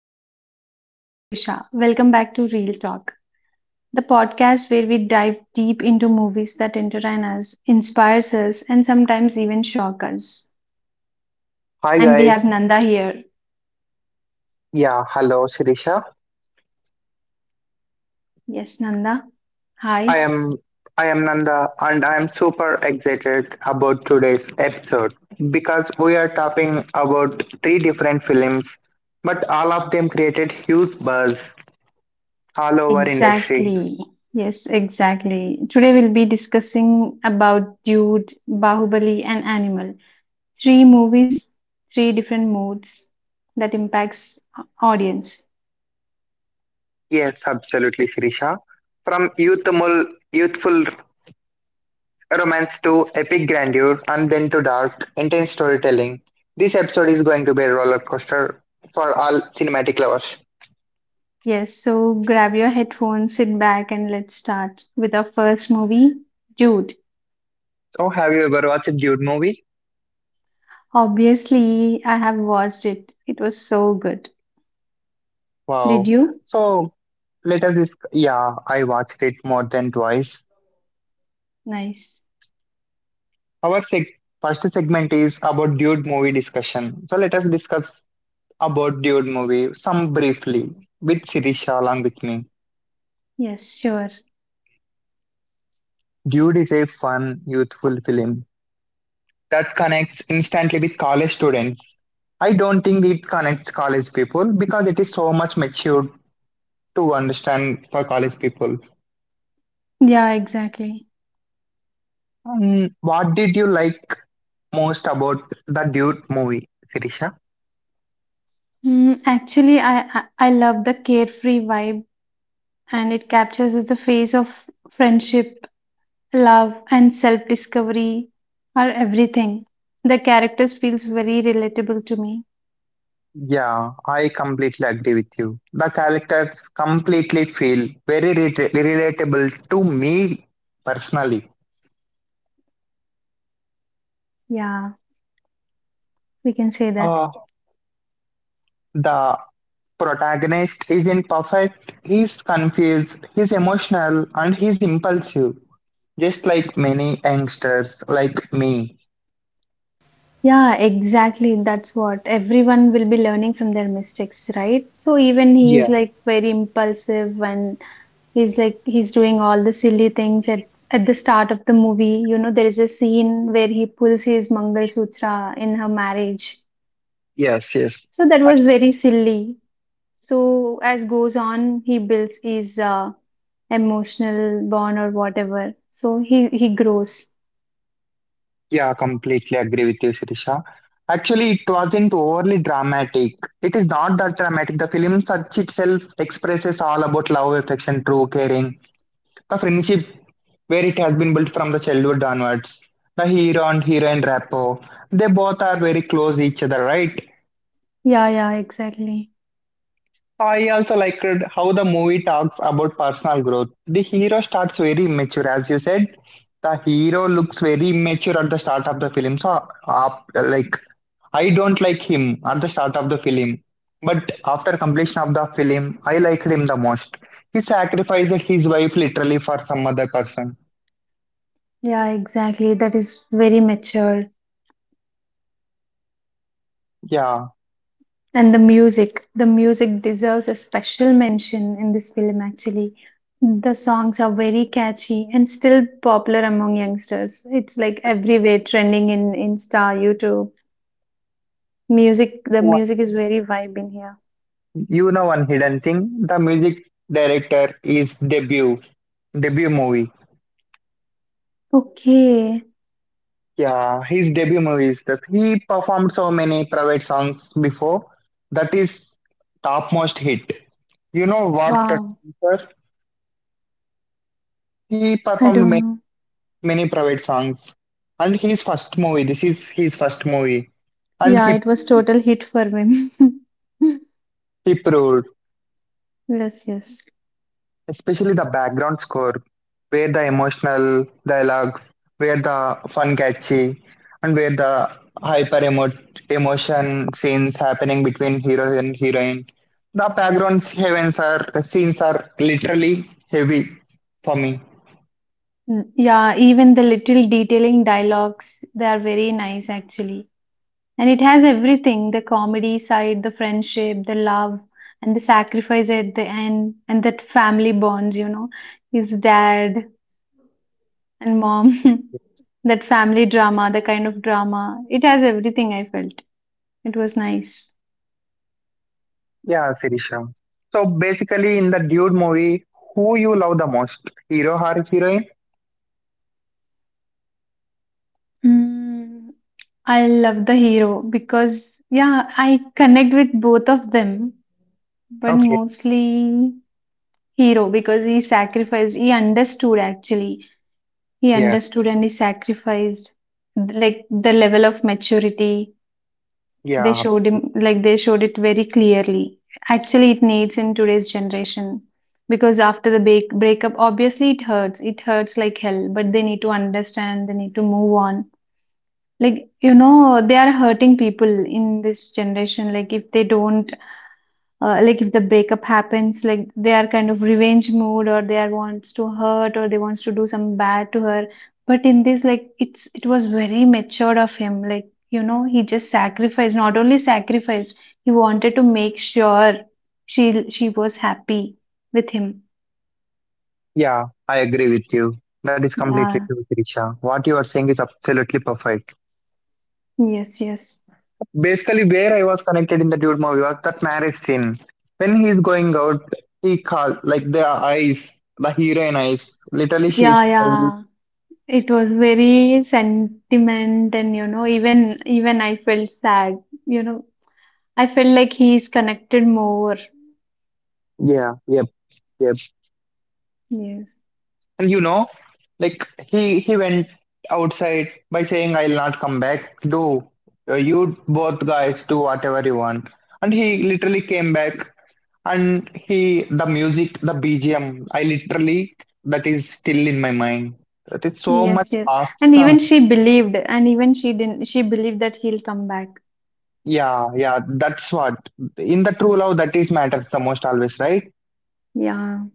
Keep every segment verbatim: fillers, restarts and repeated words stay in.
everyone. This is Sirisha. Welcome back to Real Talk, the podcast where we dive deep into movies that entertain us, inspires us, and sometimes even shock us. Hi And we have guys. Nanda here. Yeah, hello Shirisha. Yes, Nanda. Hi. I am I am Nanda and I am super excited about today's episode because we are talking about three different films but all of them created huge buzz all over industry. Exactly. Yes, exactly. Today we'll be discussing about Dude, Bahubali, and Animal. Three movies, three different moods that impacts audience. Yes, absolutely Shirisha. From youthful youthful romance to epic grandeur and then to dark intense storytelling. This episode is going to be a roller coaster for all cinematic lovers. Yes, so grab your headphones, sit back, and let's start with our first movie, Jude. So have you ever watched a Dude movie? Obviously, I have watched it. It was so good. Did Wow. you? So let us discuss. Yeah, I watched it more than twice. Nice. Our seg First segment is about Dude movie discussion. So let us discuss about Dude movie some briefly with Sirisha along with me. Yes, sure. Dude is a fun, youthful film that connects instantly with college students. I don't think it connects college people because it is so much matured to understand for college people. Yeah, exactly. Um, what did you like most about the Dude movie, Sirisha? Mm, actually, I, I I love the carefree vibe, and it captures as the phase of friendship, love, and self-discovery are everything. The characters feels very relatable to me. Yeah, I completely agree with you. The characters completely feel very reta- relatable to me personally. Yeah, we can say that. Uh, the protagonist isn't perfect, he's confused, he's emotional, and he's impulsive, just like many youngsters like me. Yeah, exactly. That's what everyone will be learning from their mistakes, right? So even he Yeah, is like very impulsive and he's like he's doing all the silly things at at the start of the movie. You know, there is a scene where he pulls his Mangal Sutra in her marriage. yes, yes. So that was very silly. So as goes on, he builds his uh, emotional bond or whatever. So he he grows. Yeah, completely agree with you, Shirisha. Actually, it wasn't overly dramatic. It is not that dramatic. The film such itself expresses all about love, affection, true caring, the friendship where it has been built from the childhood onwards. The hero and heroine rapport, they both are very close each other, right? Yeah, yeah, exactly. I also liked how the movie talks about personal growth. The hero starts very immature, as you said. The hero looks very immature at the start of the film. So, uh, like I don't like him at the start of the film, but after completion of the film, I liked him the most. He sacrificed his wife literally for some other person. Yeah, exactly. That is very mature. Yeah. And the music, the music deserves a special mention in this film actually. The songs are very catchy and still popular among youngsters. It's like everywhere trending in Insta, YouTube. Music, the One- music is very vibe in here. You know one hidden thing, the music director is debut debut movie. Okay. Yeah, his debut movie is that he performed so many private songs before. That is topmost hit. You know what? Wow. Sir? He I performed don't many know. many private songs. And his first movie, this is his first movie. And Yeah, he, it was total hit for me. he proved, Yes, yes. especially the background score, where the emotional dialogues, where the fun catchy, and where the hyper emo- emotion scenes happening between hero and heroine. The background heavens are, scenes are literally heavy for me. Mm, yeah, even the little detailing dialogues, they are very nice actually. And it has everything the comedy side, the friendship, the love, and the sacrifice at the end, and that family bonds, you know, his dad and mom, that family drama, the kind of drama. It has everything I felt. It was nice. Yeah, Sirisha. So basically, in the dude movie, who you love the most, hero or heroine? Mm, I love the hero because, yeah, I connect with both of them, but Okay. mostly hero because he sacrificed, he understood actually. He Yeah, understood and he sacrificed like the level of maturity they yeah, showed him, like they showed it very clearly. Actually it needs in today's generation because after the break breakup obviously it hurts. It hurts like hell, but they need to understand, they need to move on. Like you know, they are hurting people in this generation. Like if they don't uh, like if the breakup happens, like they are kind of revenge mood or they are wants to hurt or they wants to do some bad to her, but in this like it's it was very matured of him, like you know, he just sacrificed, not only sacrificed, he wanted to make sure she she was happy with him. yeah, I agree with you. That is completely Yeah, true, Trisha. What you are saying is absolutely perfect. yes, yes, Basically, where I was connected in the dude movie was that marriage scene. When he's going out, he call like the eyes, the heroine eyes. Literally, yeah, she's yeah, it was very sentiment, and you know, even even I felt sad, you know, I felt like he is connected more. yeah, yep, yep. Yes. And you know, like he he went outside by saying, "I'll not come back." Do uh, you both guys do whatever you want? And he literally came back. And he, the music, the B G M, I literally, that is still in my mind. That is so much Yes, yes. And awesome. even she believed, and even she didn't, she believed that he'll come back. Yeah, yeah, that's what. In the true love, that is matters the most always, right? Yeah.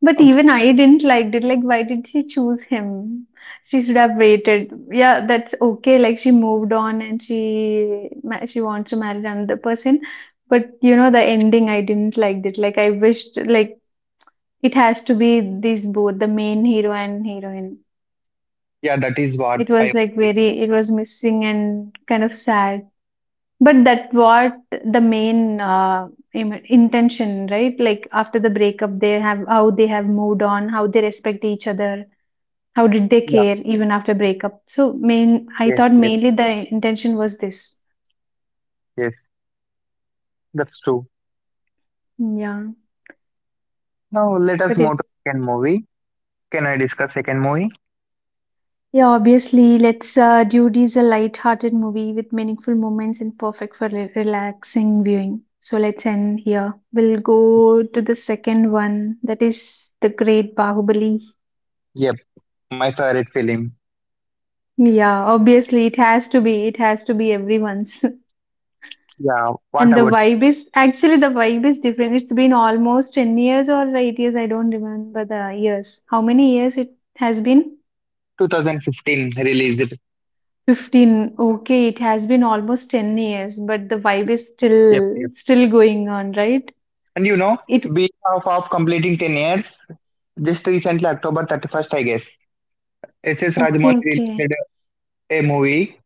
But Okay. even I didn't like it. Like, why did she choose him? She should have waited. Yeah, that's okay. Like, she moved on and she ma- she wants to marry another person. But you know, the ending, I didn't like it. Like, I wished like it has to be these both, the main hero and heroine. Yeah, that is what It I was like think. very, it was missing and kind of sad. But that what the main uh, im- intention, right? Like after the breakup, they have how they have moved on, how they respect each other, how did they Yeah, care even after breakup. So main, I yes, thought yes, mainly the intention was this. yes. That's true. Yeah, Now let us but move to it second movie. Can I discuss second movie? yeah obviously let's uh, Dude is a light-hearted movie with meaningful moments and perfect for re- relaxing viewing. So let's end here. We'll go to the second one. That is the Great Bahubali. Yep, my favorite film. Yeah, obviously it has to be. It has to be everyone's. Yeah, what And the about vibe is actually the vibe is different. It's been almost ten years or eight years. I don't remember the years. How many years it has been? twenty fifteen released? fifteen. Okay, it has been almost ten years, but the vibe is Yep, still yep. still going on, right? And you know, It being of, of completing ten years. Just recently, October thirty-first, I guess, S S. okay, Rajamouli okay. released a movie,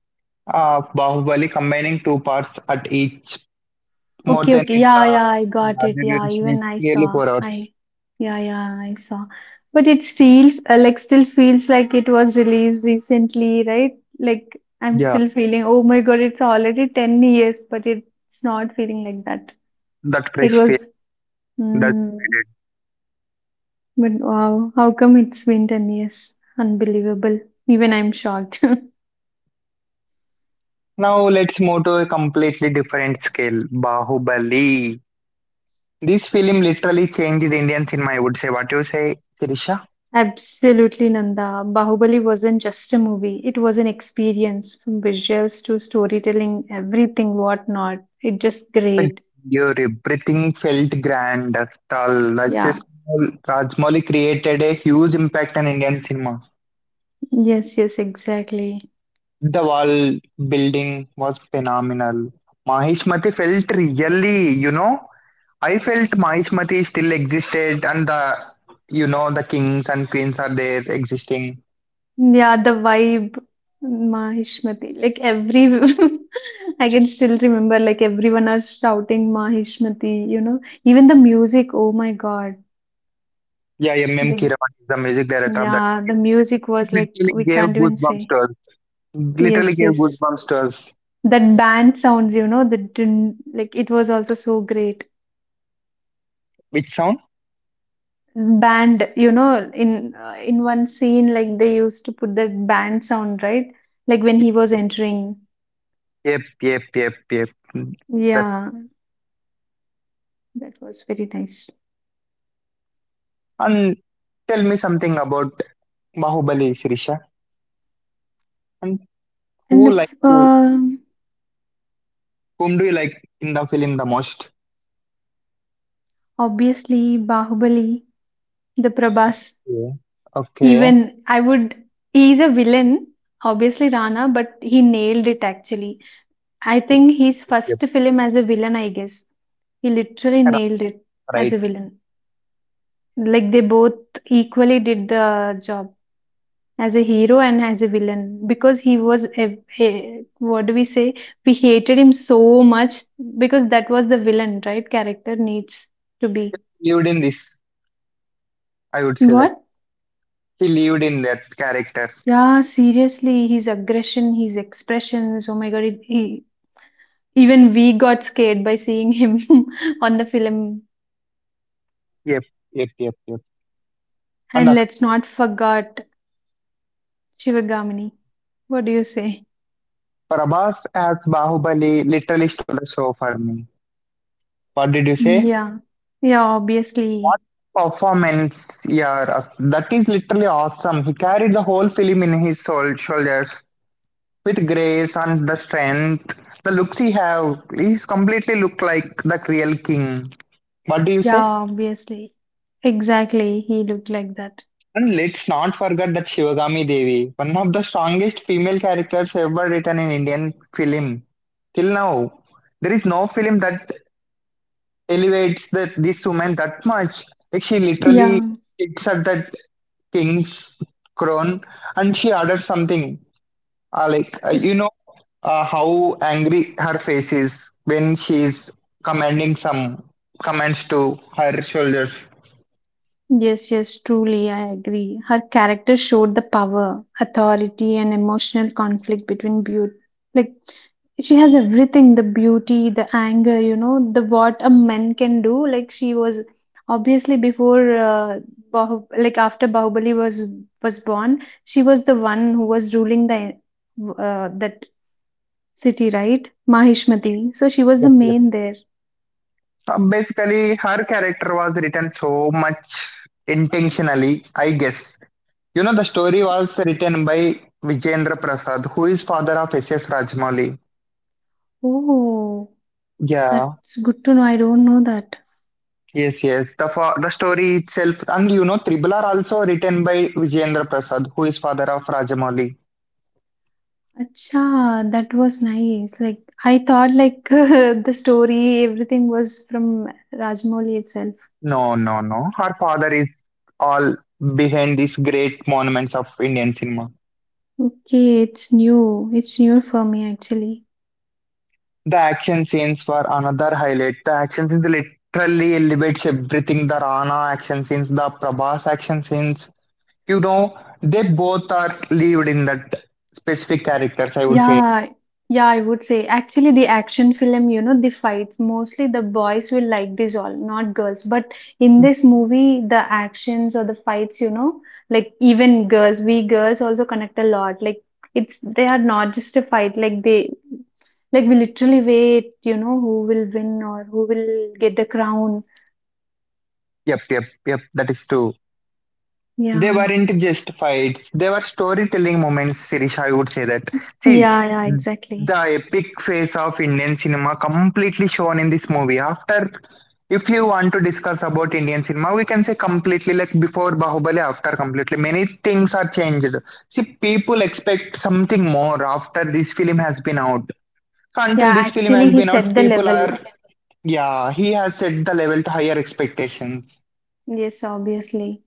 uh, Bahubali, combining two parts at each. More Okay, than okay. it, Yeah, uh, yeah, I got yeah, it. the Yeah, duration is even I nearly saw. four hours. I, yeah, yeah, I saw. But it still, uh, like, still feels like it was released recently, right? Like, I'm Yeah, still feeling, oh my God, it's already ten years, but it's not feeling like that. that It fresh feel. was, That mm, period. but wow, how come it's been ten years? Unbelievable. Even I'm shocked. Now let's move to a completely different scale, Bahubali. This film literally changed Indian cinema, I would say. What do you say, Sirisha? Absolutely, Nanda. Bahubali wasn't just a movie, it was an experience from visuals to storytelling, everything, whatnot. It just The great. grandeur, everything felt grand. The Yeah. Rajmouli created a huge impact on Indian cinema. Yes, yes, exactly. The wall building was phenomenal. Mahishmati felt really, you know, I felt Mahishmati still existed and the, you know, the kings and queens are there existing. Yeah, the vibe, Mahishmati. Like every, I can still remember, like everyone are shouting Mahishmati, you know, even the music. Oh my God. Yeah, M M. The, Kiravan is the music director of that. yeah, the music It was like, literally we gave can't even goosebumps say. to us. Literally Yes, gave yes. goosebumps to us. That band sounds, you know, that didn't like it was also so great. Which sound? Band, you know, in uh, in one scene, like they used to put that band sound, right? Like when he was entering. Yep, yep, yep, yep. Mm, that, Yeah, that was very nice. and tell me something about Bahubali, Shirisha. And And who if, like you? um Whom do you like in the film the most? obviously, Bahubali, the Prabhas. Okay. Okay. Even I would. He's a villain, obviously Rana, but he nailed it actually. I Yep. think his Yep. first film as a villain, I guess. He literally Correct. nailed it as Right. a villain. Like they both equally did the job as a hero and as a villain because he was a, a- what do we say? We hated him so much because that was the villain, right? Character needs to be. Lived in this. I would say that What? he lived in that character. Yeah, seriously, his aggression, his expressions. Oh my god, it, he, even we got scared by seeing him on the film. Yep. Yep. Yep. Yep. And And uh, let's not forget Shivagamini. What do you say? Prabhas as Bahubali literally stole the show for me. What did you Mm, say? yeah. Yeah, What obviously. performance? Yeah. uh, That is literally awesome. He carried the whole film in his soul, shoulders with grace and the strength. The looks he have, he's completely look like the real king. What do you Yeah, say? obviously. Exactly. He looked like that. And let's not forget that Shivagami Devi, one of the strongest female characters ever written in Indian film. Till now, there is no film that elevates the, this woman that much. Like she literally Yeah. sits at that king's crown and she orders something. Uh, like, uh, you know uh, how angry her face is when she is commanding some commands to her soldiers. Yes, yes, truly, I agree. Her character showed the power, authority, and emotional conflict between beauty. Like, she has everything the beauty, the anger, you know, the what a man can do. Like, she was obviously before, uh, Bahu- like, after Bahubali was was born, she was the one who was ruling the uh, that city, right? Mahishmati. So, she was the main there. Uh, basically, her character was written so much intentionally, I guess. You know, the story was written by Vijendra Prasad, who is father of S S. Rajmouli. Oh, Yeah, that's good to know. I don't know that. yes, yes. The fa- the story itself, and you know, Tribal are also written by Vijendra Prasad, who is father of Rajamouli. Acha, that was nice. Like I thought like the story, everything was from Rajmoli itself. No, no, no. Her father is all behind these great monuments of Indian cinema. Okay, it's new. It's new for me actually. The action scenes were another highlight. The action scenes literally elevates everything. The Rana action scenes, the Prabhas action scenes. You know, they both are lived in that specific characters, I would say. Yeah, yeah, I would say. Actually, the action film, you know, the fights, mostly the boys will like this all, not girls. But in this movie, the actions or the fights, you know, like even girls, we girls also connect a lot. Like it's they are not just a fight, like they like we literally wait, you know, who will win or who will get the crown. Yep, yep, yep, that is true. They Yeah. weren't just fights, they were storytelling moments, Sirish. I would say that. See, Yeah, yeah, exactly. the epic face of Indian cinema completely shown in this movie. After, if you want to discuss about Indian cinema, we can say completely like before Bahubali, after completely. Many things are changed. See, people expect something more after this film has been out. So Yeah, until this film actually has he been out, set the people are, level. yeah, he has set the level to higher expectations. Yes, obviously.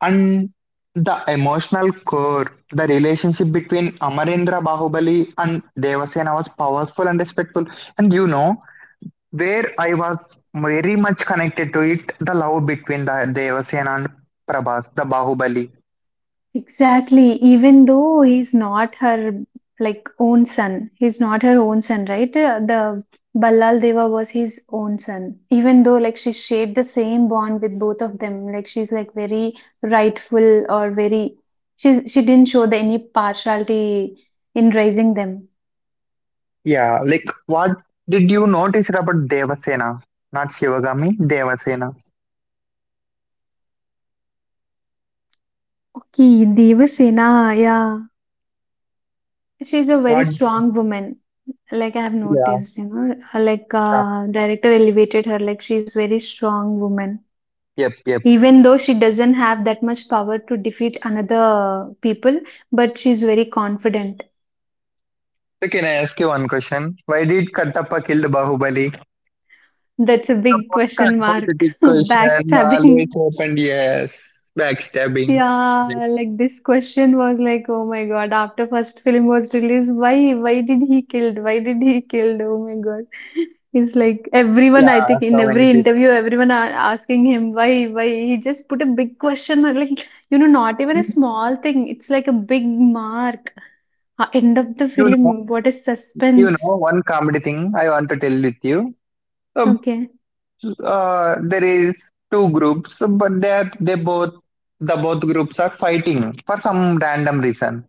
And the emotional core, the relationship between Amarendra Bahubali and Devasena was powerful and respectful. And you know, where I was very much connected to it, the love between the Devasena and Prabhas, the Bahubali. Exactly. Even though he's not her like own son, he's not her own son, right? Uh, The Ballal Deva was his own son. Even though like she shared the same bond with both of them, like she's like very rightful or very she she didn't show the any partiality in raising them. Yeah, like what did you notice about Devasena? Not Shivagami, Devasena. Okay, Devasena, yeah. She's a very What? strong woman. Like I've Yeah. noticed, you know, uh, like Yeah. uh, director elevated her. Like she's very strong woman. Yep, yep. Even though she doesn't have that much power to defeat another people, but she's very confident. So can I ask you one question? Why did Kattappa kill Bahubali? That's a The big podcast question mark. hypothetical question always Backstabbing, happened, yes. Backstabbing. Like, yeah, like this question was like oh my god, after first film was released, why why did he killed, why did he killed, oh my god, it's like everyone, I yeah, think, in so many every interview everyone are asking him, why why he just put a big question mark, like you know, not even a people. small thing, it's like a big mark. Ah, end of the You film. know, What a you suspense. know, one comedy thing I want to tell with you. So, Okay, uh, there is two groups, but they are, they both, the both groups are fighting for some random reason.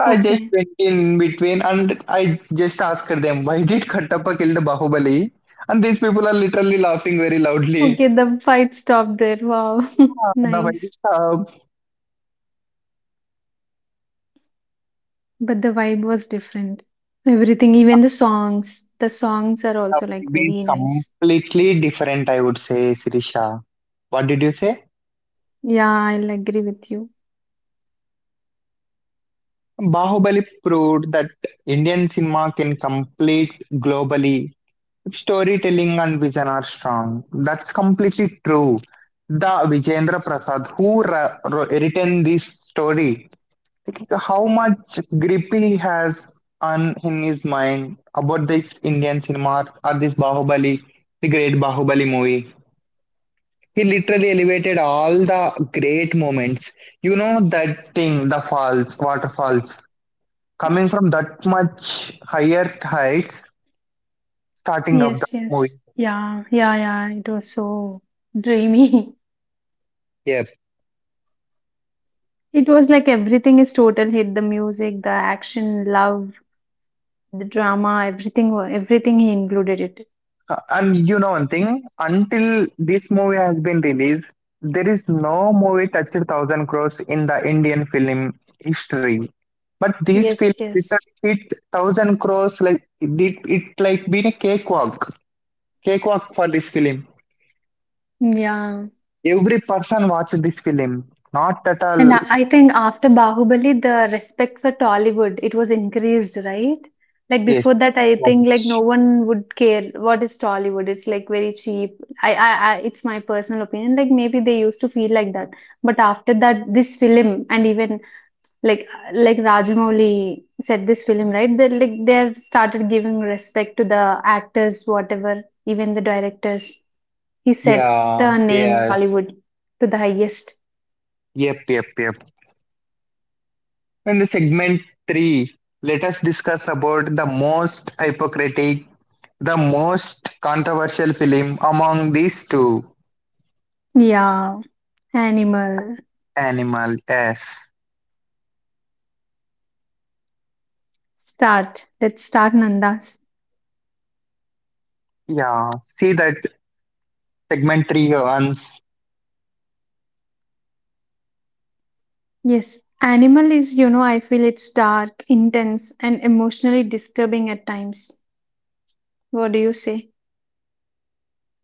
I just okay, went in between and I just asked them, why did Khattappa kill the Bahubali? And these people are literally laughing very loudly. okay. The fight stopped there. Wow, Ah, the fight nice. is up. But the vibe was different. Everything, even the songs. The songs are Have also like been very nice. completely different, I would say, Sirisha. What did you say? Yeah, I'll agree with you. Bahubali proved that Indian cinema can compete globally if storytelling and vision are strong. That's completely true. The Vijayendra Prasad, who ra- ro- written this story, how much grip he has on in his mind about this Indian cinema or this Bahubali, the great Bahubali movie. He literally elevated all the great moments. You know that thing, the falls, waterfalls, coming from that much higher heights, starting up the Yes, movie. yes. Yeah, yeah, yeah. It was so dreamy. Yep. It was like everything is total hit. The music, the action, love, the drama, everything. Wa- Everything he included it. Uh, and you know one thing, until this movie has been released, there is no movie touched thousand crores in the Indian film history. But this film Yes, yes. literally hit thousand crores like it did it like been a cakewalk. Cakewalk for this film. Yeah. Every person watched this film. Not at And all. I I think after Bahubali, the respect for Tollywood, it was increased, right? Like before Yes. that, I So think like no much. one would care what is Tollywood. It's like very cheap. I, I, I it's my personal opinion. Like maybe they used to feel like that, but after that, this film and even like like Rajamouli said this film, right? They like they started giving respect to the actors, whatever, even the directors. He sets Yeah. the name Yes. Tollywood to the highest. Yep. Yep. Yep. And the segment three. Let us discuss about the most hypocritic, the most controversial film among these two. Yeah, animal. Animal. Yes. Start. Let's start, Nandas. Yeah. See that segment three runs. Yes, Animal is, you know, I feel it's dark, intense, and emotionally disturbing at times. What do you say?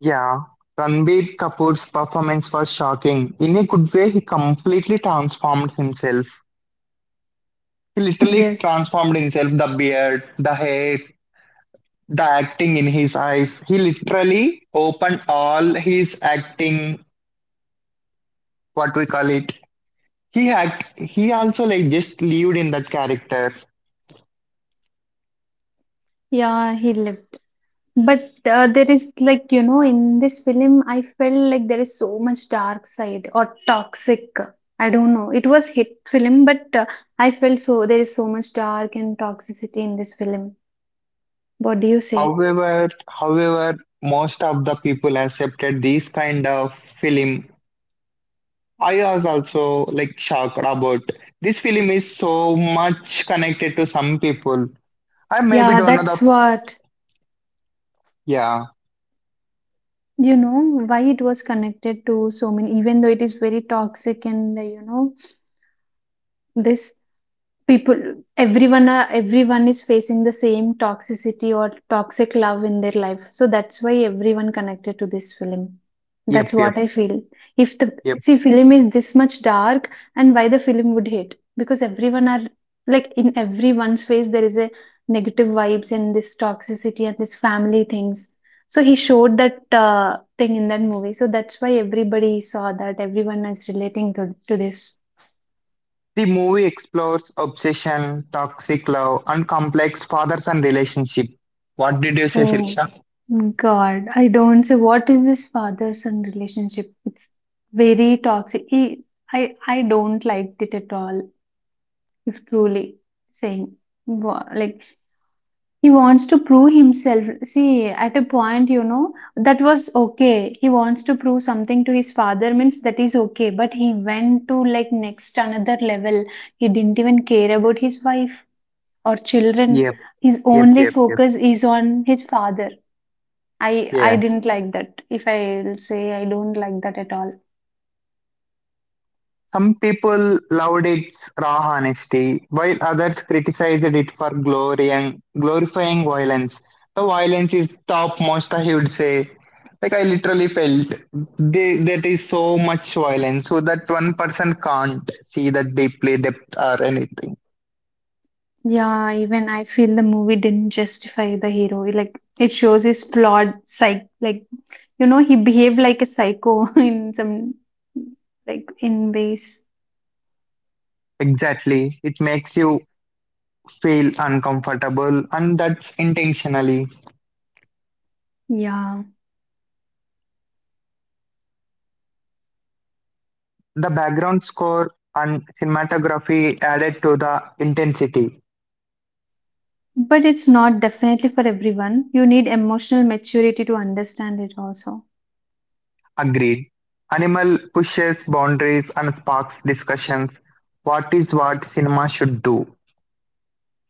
Yeah. Ranbir Kapoor's performance was shocking. In a good way, he completely transformed himself. He literally Yes. transformed himself the beard, the hair, the acting in his eyes. He literally opened all his acting, what we call it. He act, he also like just lived in that character. Yeah, he lived. But uh, there is, like, you know, in this film, I felt like there is so much dark side or toxic. I don't know. It was hit film, but uh, I felt so there is so much dark and toxicity in this film. What do you say? However, however, most of the people accepted this kind of film. I was also like shocked about this film is so much connected to some people. I maybe Yeah, don't know the that's what. yeah, You know why it was connected to so many, even though it is very toxic and uh, you know, this people, everyone are, everyone is facing the same toxicity or toxic love in their life, so that's why everyone connected to this film. yep, That's yep, what I feel. If the, yep. see, film is this much dark, and why the film would hit? Because everyone are, like in everyone's face there is a negative vibes and this toxicity and this family things. So he showed that uh, thing in that movie, so that's why everybody saw that everyone is relating to to this. The movie explores obsession, toxic love, and complex father-son relationship. What did you say, Oh Sirisha? God, I don't say, what is this father-son relationship? It's very toxic. I I I don't like it at all, if truly saying. Wa- Like, he wants to prove himself. See, at a point, you know, that was okay. He wants to prove something to his father, means that is okay. But he went to like next another level. He didn't even care about his wife or children. Yep, His yep, only yep, yep. focus is on his father. I I Yes. didn't like that. If I'll say, I don't like that at all. Some people loved its raw honesty, while others criticized it for glory and glorifying violence. The violence is topmost, I would say. Like I literally felt they, that is so much violence, so that one person can't see that deeply depth or anything. Yeah, even I feel the movie didn't justify the hero. Like it shows his flawed psych. Like, you know, he behaved like a psycho in some, like in ways. Exactly. It makes you feel uncomfortable, and that's intentionally. Yeah, The background score and cinematography added to the intensity. but it's not definitely for everyone. You need emotional maturity to understand it also. Agreed. Animal pushes boundaries and sparks discussions. What is what cinema should do?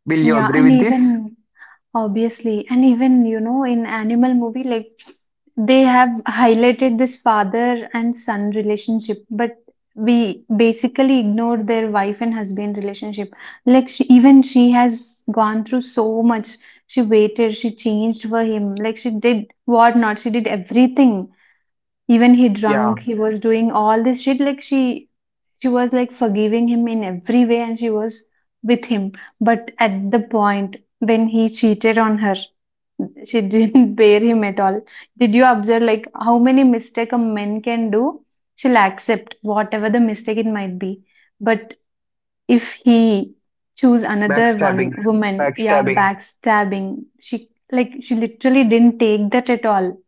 Will you Yeah, agree and with this? even obviously, and even you know, in animal movie, like, they have highlighted this father and son relationship, but we basically ignore their wife and husband relationship. Like she, even she has gone through so much. She waited, she changed for him. Like she did what not, she did everything. Even he Yeah, drunk, he was doing all this shit. Like she she was like forgiving him in every way, and she was with him. But at the point when he cheated on her, she didn't bear him at all. Did you observe, like, how many mistake a man can do? She'll accept whatever the mistake it might be. But if he choose another backstabbing. one woman, yeah, Backstabbing. backstabbing. She, like, she literally didn't take that at all.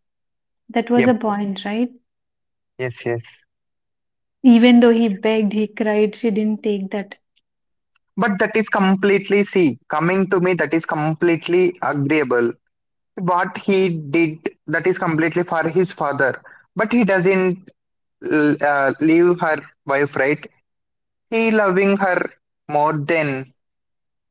That was Yep. a point, right? Yes, yes. Even though he begged, he cried, she didn't take that. But that is completely, see, coming to me, that is completely agreeable. What he did, that is completely for his father. But he doesn't uh, leave her wife, right? He loving her more than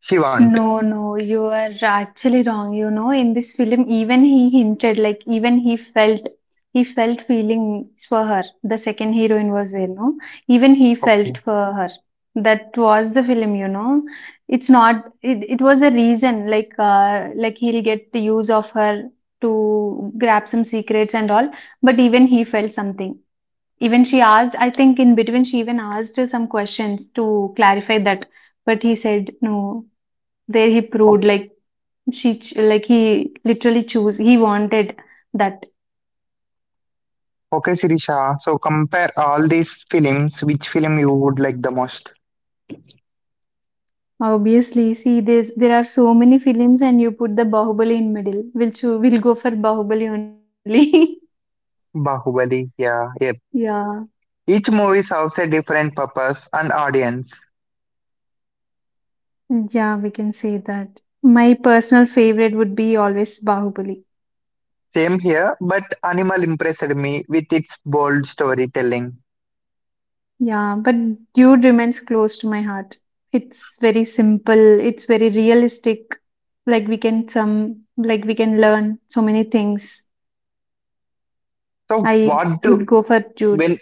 she want. No, no, you are actually wrong. You know, in this film, even he hinted, like even he felt, he felt feelings for her. The second heroine was there, no? Even he Okay. felt for her. That was the film, you know. It's not. It, it was a reason, like, uh, like he'll get the use of her to grab some secrets and all. But even he felt something. Even she asked. I think in between she even asked some questions to clarify that. But he said no, there he proved Okay, like she ch- like he literally chose, he wanted that. okay Sirisha. So compare all these films. Which film you would like the most? Obviously, see, there's there are so many films, and you put the Bahubali in middle, we'll cho- we'll go for Bahubali only. Bahubali. Yeah. Yeah. Yeah, Each movie serves a different purpose and audience. yeah, we can say that. My personal favorite would be always Bahubali. Same here, but Animal impressed me with its bold storytelling. Yeah, but Dude remains close to my heart. It's very simple, it's very realistic. Like we can some, like we can learn so many things. So I what would do go for Dude. when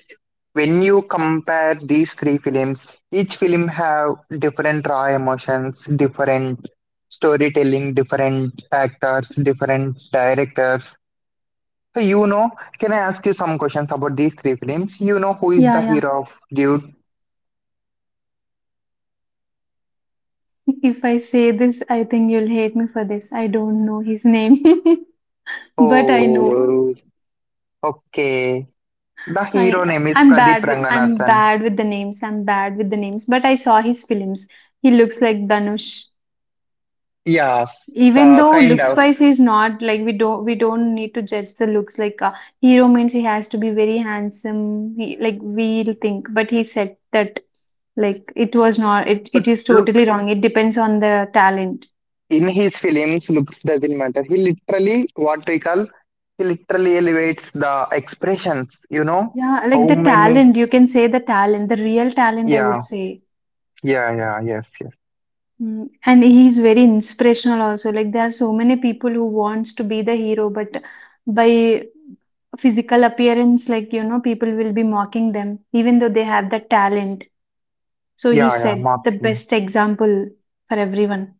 when you compare these three films, each film have different raw emotions, different storytelling, different actors, different directors, so you know, can I ask you some questions about these three films? You know, who is Yeah, the yeah. hero of Dude? If I say this, I think you'll hate me for this. I don't know his name, but I know. Oh, okay. The hero I name is I'm Pradeep bad with I'm Ranganathan. bad with the names. I'm bad with the names, but I saw his films. He looks like Dhanush. Yes. Even uh, though kind looks of wise he's not, like, we don't we don't need to judge the looks. Like a hero means he has to be very handsome. He, like, we'll think, but he said that, like it was not, it, but it is totally looks, wrong. It depends on the talent. in his films looks doesn't matter. He literally, what we call, he literally elevates the expressions, you know. Yeah, How like the many? talent, you can say the talent, the real talent, I Yeah, would say. yeah, yeah, yes, yes. Mm, and he's very inspirational also. Like there are so many people who wants to be the hero, but by physical appearance, like you know, people will be mocking them, even though they have the talent. So he Yeah, yeah, said the mocking. best example for everyone.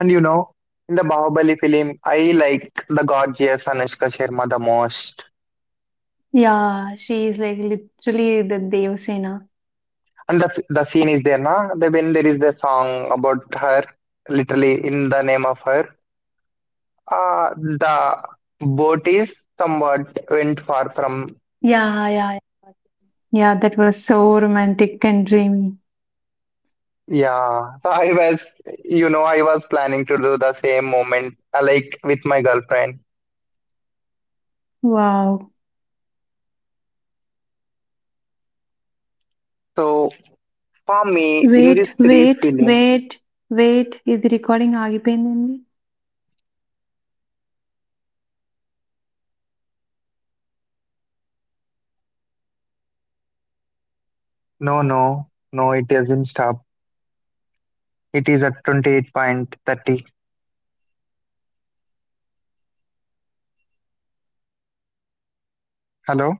And you know, in the Bahubali film I like the gorgeous Anushka Sharma the most. Yeah, she is like literally the Devasena. And the, the scene is there na, the, when there is the song about her literally in the name of her, uh, the boat is somewhat went far from. Yeah, Yeah, so I was, you know, I was planning to do the same moment uh, like with my girlfriend. So for me, in this three films, no, no, no, it doesn't stop. It is at twenty-eight thirty. Hello?